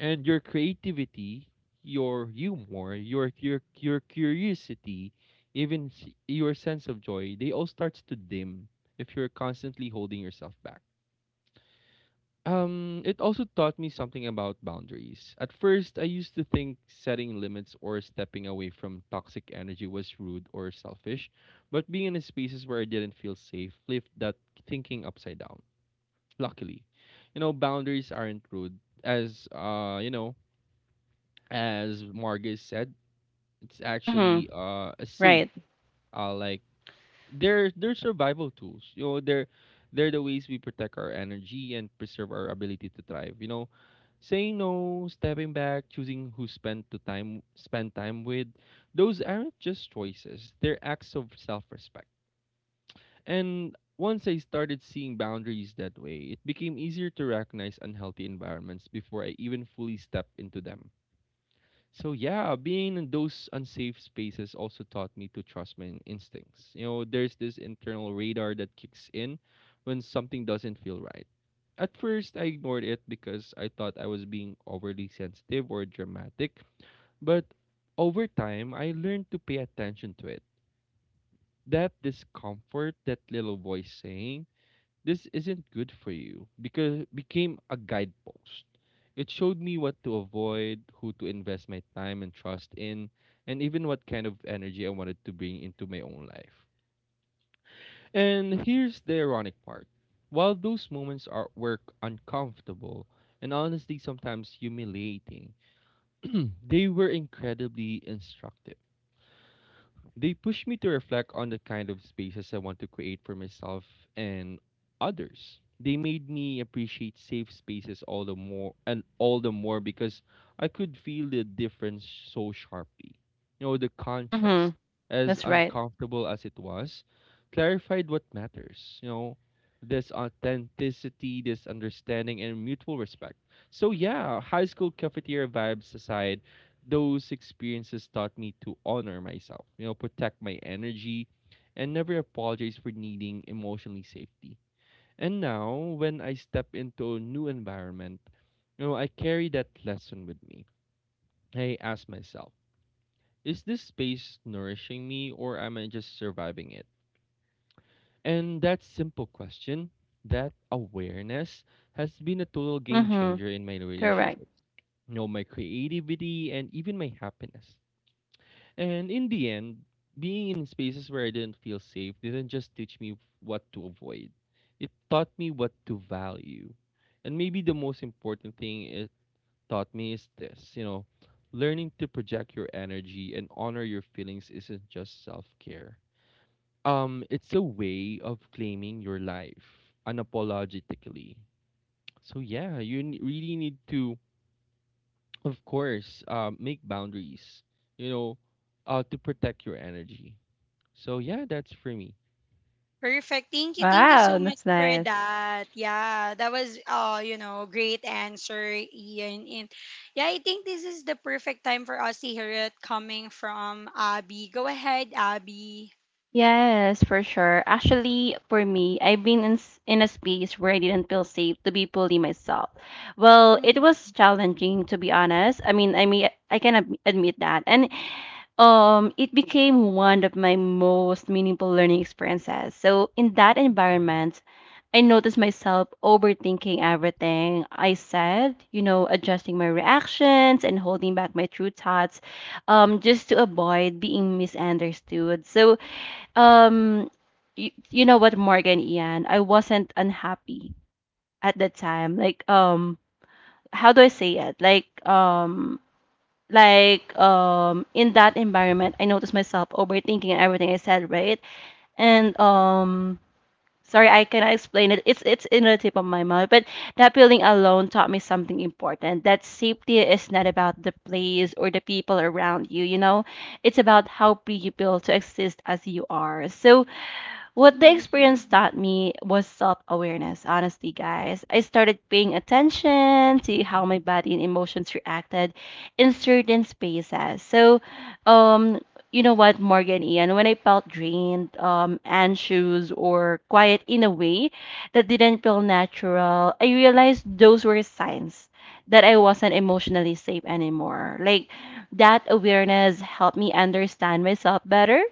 S2: And your creativity, your humor, your curiosity, even your sense of joy, they all starts to dim if you're constantly holding yourself back. It also taught me something about boundaries. At first, I used to think setting limits or stepping away from toxic energy was rude or selfish, but being in spaces where I didn't feel safe flipped that thinking upside down. Luckily, you know, boundaries aren't rude. As You know, as Margus said, it's
S3: Mhm.
S2: actually a safe
S3: Right.
S2: uh like they're survival tools. You know, they're the ways we protect our energy and preserve our ability to thrive. You know, saying no, stepping back, choosing who spend to time spend time with, those aren't just choices. They're acts of self-respect. And once I started seeing boundaries that way, it became easier to recognize unhealthy environments before I even fully stepped into them. So yeah, being in those unsafe spaces also taught me to trust my instincts. You know, there's this internal radar that kicks in when something doesn't feel right. At first, I ignored it because I thought I was being overly sensitive or dramatic, but over time, I learned to pay attention to it. That discomfort, that little voice saying, this isn't good for you, because it became a guidepost. It showed me what to avoid, who to invest my time and trust in, and even what kind of energy I wanted to bring into my own life. And here's the ironic part. While those moments are were uncomfortable and honestly sometimes humiliating, (clears throat) they were incredibly instructive. They push me to reflect on the kind of spaces I want to create for myself and others. They made me appreciate safe spaces all the more because I could feel the difference so sharply. You know, the contrast,
S3: Mhm.
S2: as
S3: That's right.
S2: uncomfortable as it was, clarified what matters. You know, this authenticity, this understanding, and mutual respect. So, yeah, high school cafeteria vibes aside, those experiences taught me to honor myself, you know, protect my energy, and never apologize for needing emotionally safety. And now, when I step into a new environment, you know, I carry that lesson with me. I ask myself, is this space nourishing me or am I just surviving it? And that simple question, that awareness, has been a total game
S3: Mhm.
S2: changer in my
S3: Correct.
S2: relationships, you know, my creativity, and even my happiness. And in the end, being in spaces where I didn't feel safe didn't just teach me what to avoid, it taught me what to value. And maybe the most important thing it taught me is this: you know, learning to project your energy and honor your feelings isn't just self care. It's a way of claiming your life unapologetically. So yeah, you really need to, of course, make boundaries. You know, to protect your energy. So yeah, that's for me.
S1: Perfect. Thank you. Thank you so
S3: Wow,
S1: much
S3: that's
S1: for
S3: nice.
S1: that. Yeah, that was, you know, great answer, Ian. And yeah, I think this is the perfect time for us to hear it coming from Abby. Go ahead, Abby.
S3: Yes, for sure. Actually, for me, I've been in a space where I didn't feel safe to be fully myself. Well, it
S1: Mm-hmm.
S3: was challenging to be honest. I mean, I can admit that. And it became one of my most meaningful learning experiences. So in that environment, I noticed myself overthinking everything I said adjusting my reactions and holding back my true thoughts just to avoid being misunderstood. So um you know what, Morgan Ian, I wasn't unhappy at that time. Like how do I say it? Like in that environment, I noticed myself overthinking and everything I said, right? And um sorry I cannot explain it. It's in the tip of my mouth, but that feeling alone taught me something important, that safety is not about the place or the people around you, you know. It's about how free you feel to exist as you are. So what the experience taught me was self awareness, honestly, guys. I started paying attention to how my body and emotions reacted in certain spaces. Um, you know what, Morgan Ian, when I felt drained, anxious, or quiet in a way that didn't feel natural, I realized those were signs that I wasn't emotionally safe anymore. Like, that awareness helped me understand myself better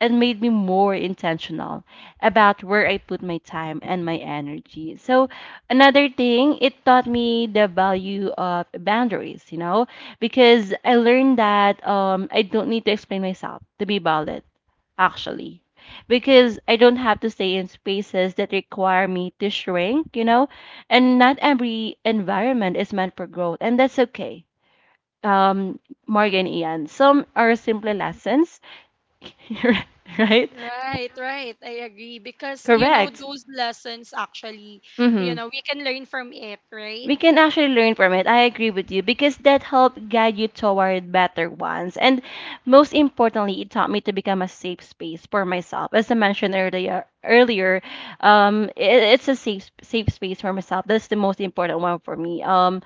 S3: and made me more intentional about where I put my time and my energy. So another thing, it taught me the value of boundaries, you know, because I learned that I don't need to explain myself to be valid, actually. Because I don't have to stay in spaces that require me to shrink, you know, and not every environment is meant for growth, and that's okay. Um, Morgan Ian, some are simply lessons, (laughs) right?
S1: Right, right. I agree, because you know
S3: Correct.
S1: those lessons actually, you
S3: Mm-hmm.
S1: know, we can learn from it, right?
S3: We can actually learn from it. I agree with you because that helped guide you toward better ones. And most importantly, it taught me to become a safe space for myself. As I mentioned earlier, it's a safe space for myself. That's the most important one for me. Um,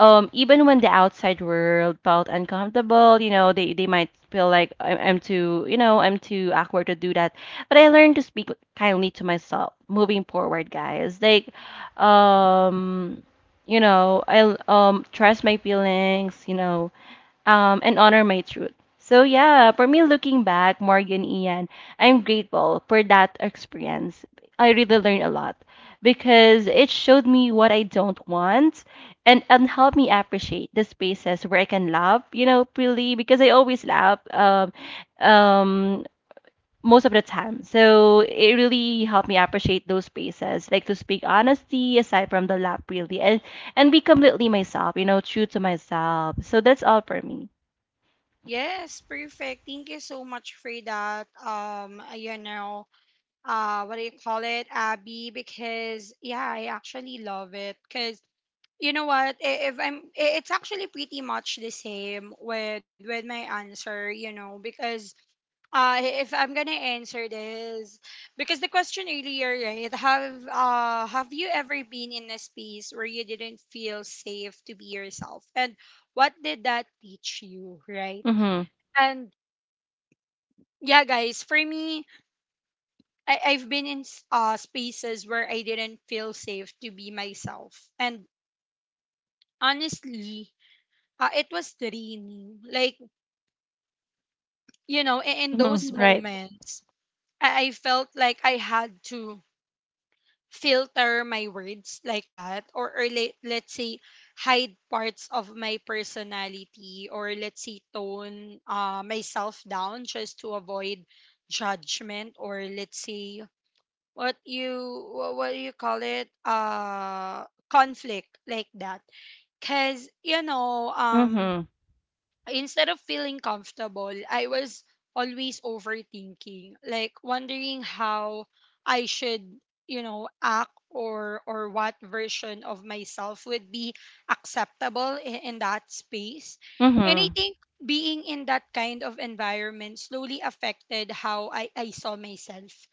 S3: um, Even when the outside world felt uncomfortable, you know, they might feel like I'm too, you know, I'm too awkward to do that. But I learned to speak kindly to myself moving forward, guys. Um, you know, I'll trust my feelings, you know, and honor my truth. So yeah, for me, looking back, Morgan Ian, I'm grateful for that experience. I really learned a lot because it showed me what I don't want, and helped me appreciate the spaces where I can laugh, you know, freely because I always laugh. Um, Most of the time. So it really helped me appreciate those spaces, like to speak honesty aside from the lap really and be completely myself, you know, true to myself. So that's all for me.
S1: Yes, perfect. Thank you so much for that. You know, what do you call it, Abby, because yeah, I actually love it, because you know what, I- if I'm I- it's actually pretty much the same with my answer, you know, because if I'm gonna answer this, because the question earlier, right, have you ever been in a space where you didn't feel safe to be yourself, and what did that teach you, right?
S3: Mhm.
S1: And yeah, guys, for me, I've been in spaces where I didn't feel safe to be myself. And honestly, it was draining. Like, in those
S3: Mhm. Right.
S1: moments, I felt like I had to filter my words like that or, or let's say hide parts of my personality, or let's say tone myself down just to avoid judgment, or let's say what you wha- what do you call it conflict like that. Because
S3: Mhm.
S1: instead of feeling comfortable, I was always overthinking, like wondering how I should, you know, act, or what version of myself would be acceptable in that space. And I
S3: Mhm.
S1: think being in that kind of environment slowly affected how I saw myself.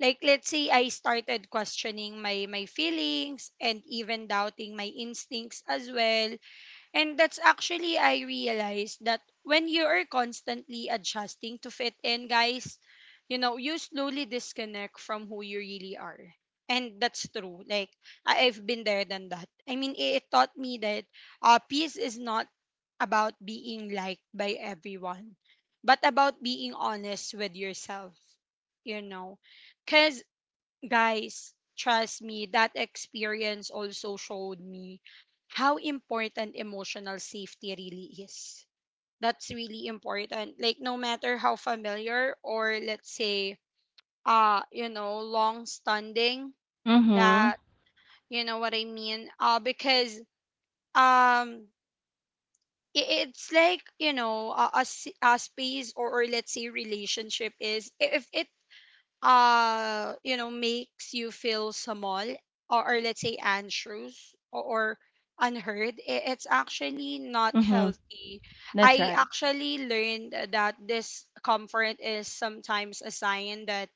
S1: Like let's say I started questioning my feelings and even doubting my instincts as well. And that's actually, I realized that when you are constantly adjusting to fit in, guys, you know, you slowly disconnect from who you really are. And that's true. Like, I've been there than that. I mean, it taught me that peace is not about being liked by everyone, but about being honest with yourself, you know. Because guys, trust me, that experience also showed me how important emotional safety really is. That's really important. Like no matter how familiar, or let's say long standing
S3: Mhm.
S1: that, you know what I mean because um it's like, you know, a, a space, or let's say relationship, is if it, makes you feel small, or let's say anxious, or unheard, it's actually not
S3: Mhm.
S1: healthy.
S3: That's
S1: I
S3: right.
S1: actually learned that this comfort is sometimes a sign that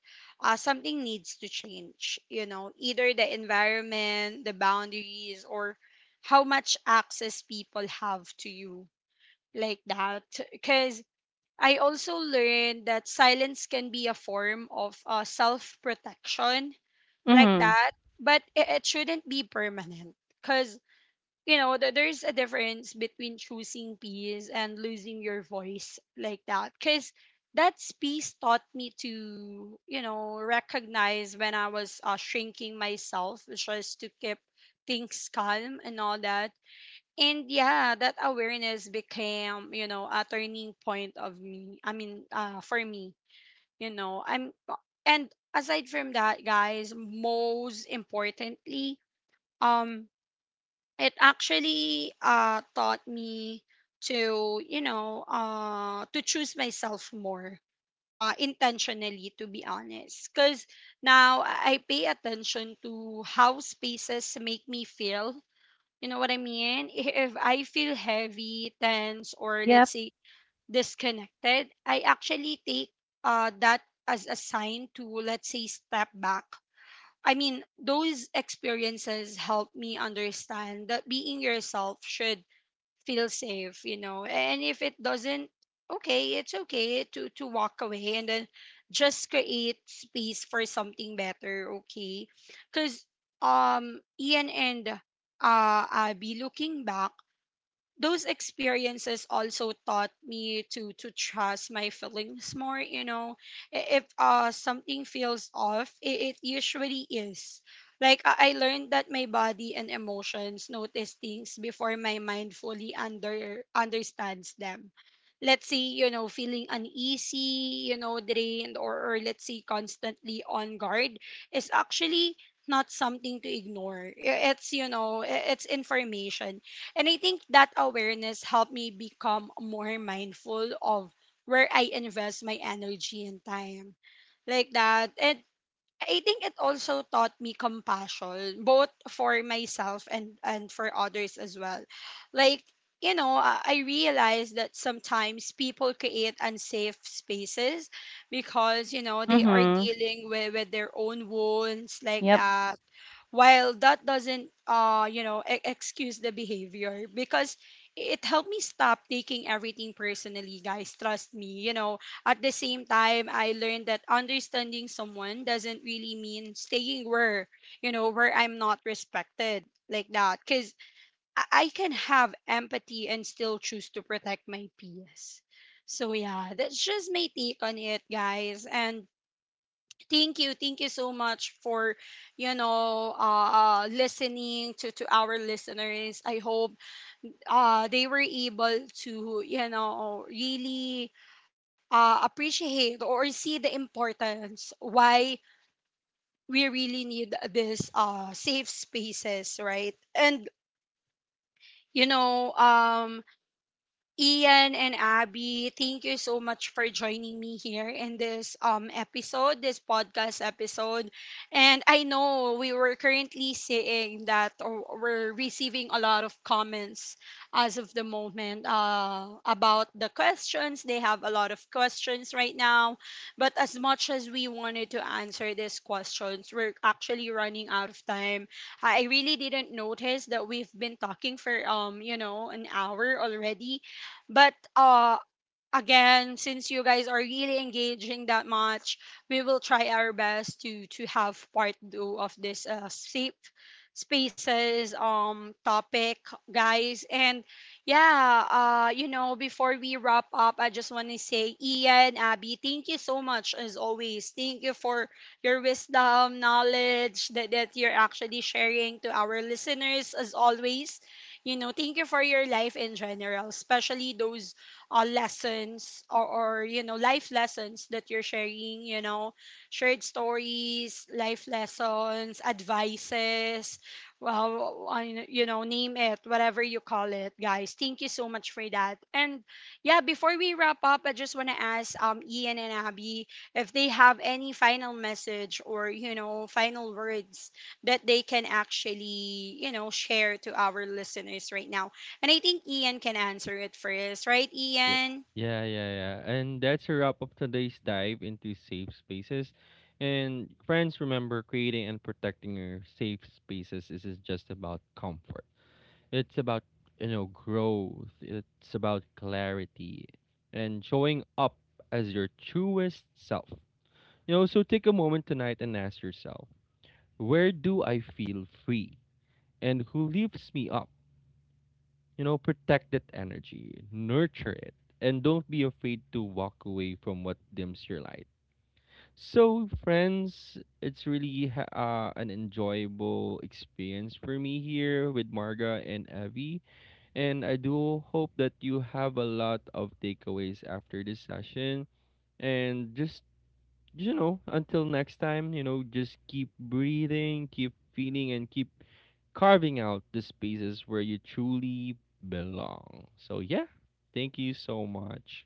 S1: something needs to change, you know, either the environment, the boundaries, or how much access people have to you, like that. Because I also learned that silence can be a form of self protection, like
S3: Mhm.
S1: that, but it shouldn't be permanent. Because, you know, there's a difference between choosing peace and losing your voice, like that. Because that's peace taught me to, you know, recognize when I was shrinking myself, just to keep things calm and all that. And yeah, that awareness became, you know, a turning point of me, for me, you know I'm and aside from that guys, most importantly, um it actually taught me to, you know, to choose myself more intentionally, to be honest. Because now I pay attention to how spaces make me feel, you know what I mean? If I feel heavy, tense, or let's
S3: Yep.
S1: say disconnected, I actually take that as a sign to, let's say, step back. I mean, those experiences help me understand that being yourself should feel safe, you know, and if it doesn't, okay, it's okay to walk away and then just create space for something better, okay. Because Ian and Abby, looking back, those experiences also taught me to trust my feelings more, you know. If something feels off, it usually is. Like I learned that my body and emotions notice things before my mind fully understands them. Let's say, you know, feeling uneasy, you know, drained, or let's say constantly on guard, is actually not something to ignore. It's you know, it's information. And I think that awareness helped me become more mindful of where I invest my energy and time. Like that. And I think it also taught me compassion, both for myself and for others as well. Like, you know, I realized that sometimes people create unsafe spaces because, you know, they are
S3: Mhm.
S1: dealing with their own wounds, like
S3: Yep.
S1: that, while that doesn't excuse the behavior. Because it helped me stop taking everything personally, guys, trust me, you know. At the same time, I learned that understanding someone doesn't really mean staying where, you know, where I'm not respected, like that. Because I can have empathy and still choose to protect my peace. So yeah, that's just my take on it, guys. And thank you. Thank you so much for, you know, listening to our listeners. I hope they were able to, you know, really appreciate or see the importance why we really need this safe spaces, right? And, you know, Ian and Abby, thank you so much for joining me here in this episode, this podcast episode. And I know we were currently seeing that, or we're receiving a lot of comments as of the moment about the questions. They have a lot of questions right now, but as much as we wanted to answer these questions, we're actually running out of time. I really didn't notice that we've been talking for an hour already, but again, since you guys are really engaging that much, we will try our best to have part two of this safe spaces topic, guys. And yeah, before we wrap up, I just want to say, Ian, Abby, thank you so much as always. Thank you for your wisdom, knowledge that that you're actually sharing to our listeners as always. You know, thank you for your life in general, especially those lessons, or you know, life lessons that you're sharing, you know, shared stories, life lessons, advices, well, you know, name it, whatever you call it, guys, thank you so much for that. And yeah, before we wrap up, I just want to ask Ian and Abby if they have any final message, or you know, final words that they can actually, you know, share to our listeners right now. And I think Ian can answer it first, right,
S2: Yeah,
S1: Ian?
S2: yeah. And that's a wrap up today's dive into safe spaces. And friends, remember creating and protecting your safe spaces isn't just about comfort. It's about, you know, growth. It's about clarity and showing up as your truest self. You know, so take a moment tonight and ask yourself, where do I feel free? And who lifts me up? You know, protect that energy, nurture it, and don't be afraid to walk away from what dims your light. So, friends, it's really an enjoyable experience for me here with Marga and Evie, and I do hope that you have a lot of takeaways after this session. And just, you know, until next time, you know, just keep breathing, keep feeling, and keep carving out the spaces where you truly belong. So, yeah, thank you so much.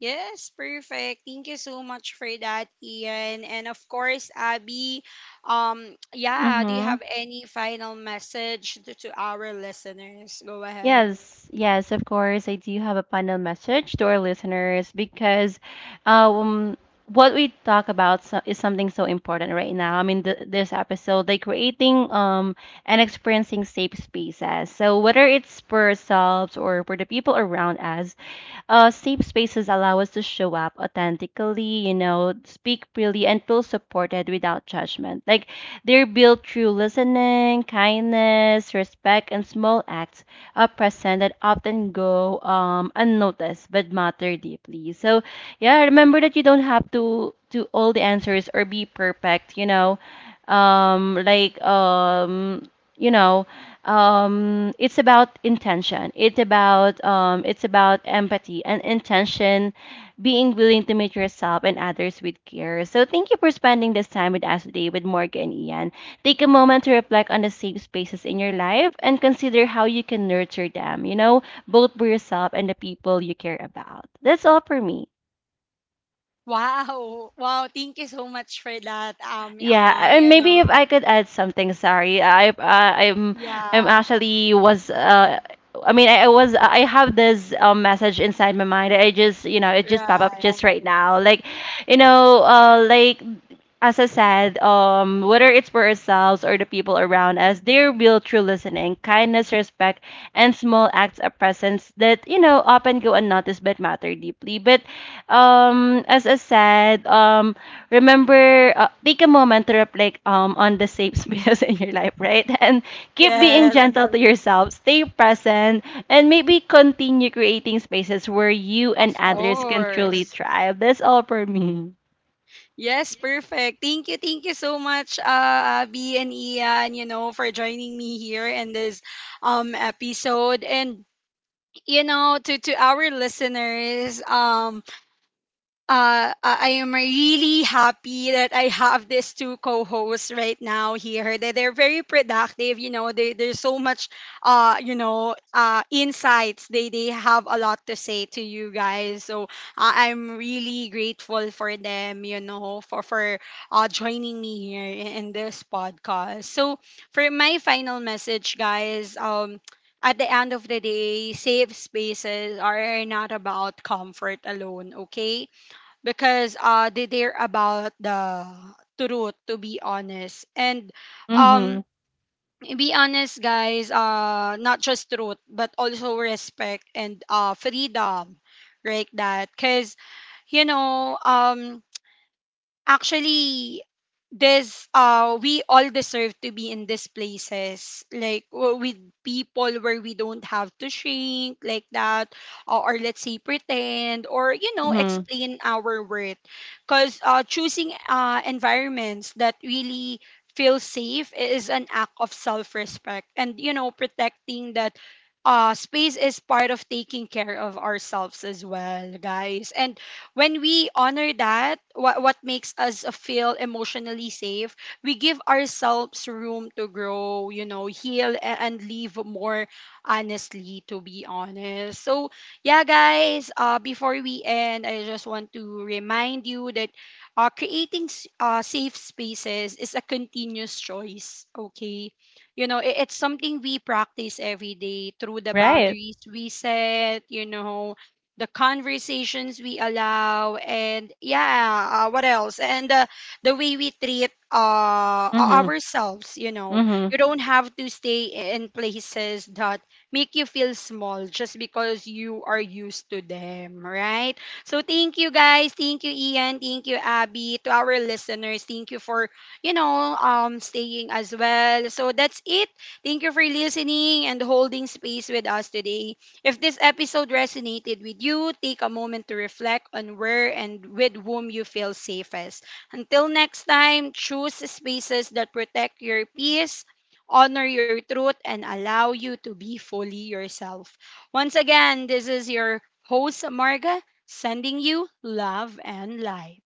S1: Yes, perfect. Thank you so much for that, Ian. And of course, Abby, yeah, do you
S3: Mhm.
S1: have any final message to our listeners? Go ahead. (laughs)
S3: Yes, yes, of course. I do have a final message to our listeners because um, what we talk about so, is something so important right now. I mean, th this episode, like creating and experiencing safe spaces. So, whether it's for ourselves or for the people around us, safe spaces allow us to show up authentically, you know, speak freely, and feel supported without judgment. Like they're built through listening, kindness, respect, and small acts of presence that often go unnoticed but matter deeply. So, yeah, remember that you don't have to do all the answers or be perfect, you know. Um, like um, you know it's about intention, it's about empathy and intention, being willing to meet yourself and others with care. So thank you for spending this time with us today, with Morgan and Ian. Take a moment to reflect on the safe spaces in your life and consider how you can nurture them, you know, both for yourself and the people you care about. That's all for me.
S1: Wow. Thank you so much for that.
S3: Yeah, and maybe if I could add something, sorry. I I'm
S1: Yeah,
S3: actually was I mean I was I have this message inside my mind. I just, you know, it just pop up
S1: right.
S3: just right now. Like as I said, whether it's for ourselves or the people around us, there will true listening, kindness, respect, and small acts of presence that, you know, often go unnoticed but matter deeply. But as I said, remember, take a moment to reflect on the safe space (laughs) in your life, right? (laughs) And keep being
S1: Yes,
S3: gentle to yourself, stay present, and maybe continue creating spaces where you and
S1: of
S3: others can truly
S1: course.
S3: thrive. That's all for me.
S1: Yes, perfect. Thank you, so much, B and Ian, you know, for joining me here in this episode. And you know, to our listeners, I am really happy that I have these two co-hosts right now here. That they're very productive. You know, they there's so much, insights. They have a lot to say to you guys. So I'm really grateful for them. You know, for joining me here in this podcast. So for my final message, guys. At the end of the day, safe spaces are not about comfort alone. Okay, because they're about the truth, to be honest. And
S3: Mm-hmm.
S1: um be honest guys, not just truth but also respect and freedom, right. That because, you know, actually there's we all deserve to be in these places, like with people where we don't have to shrink like that, or let's say pretend, or you know,
S3: Mm-hmm.
S1: explain our worth. Because choosing environments that really feel safe is an act of self-respect. And you know, protecting that space is part of taking care of ourselves as well, guys. And when we honor that, what makes us feel emotionally safe, we give ourselves room to grow, you know, heal, and live more honestly, to be honest. So yeah guys, before we end, I just want to remind you that creating safe spaces is a continuous choice, okay. You know, it's something we practice every day through the
S3: Right.
S1: boundaries we set, you know, the conversations we allow, and yeah, what else and the way we treat
S3: Mm-hmm.
S1: ourselves, you know.
S3: Mm-hmm.
S1: You don't have to stay in places that make you feel small just because you are used to them, right. So thank you guys, thank you Ian, thank you Abby, to our listeners, thank you for, you know, staying as well. So that's it. Thank you for listening and holding space with us today. If this episode resonated with you, take a moment to reflect on where and with whom you feel safest. Until next time, choose spaces that protect your peace, honor your truth, and allow you to be fully yourself. Once again, this is your host, Marga, sending you love and light.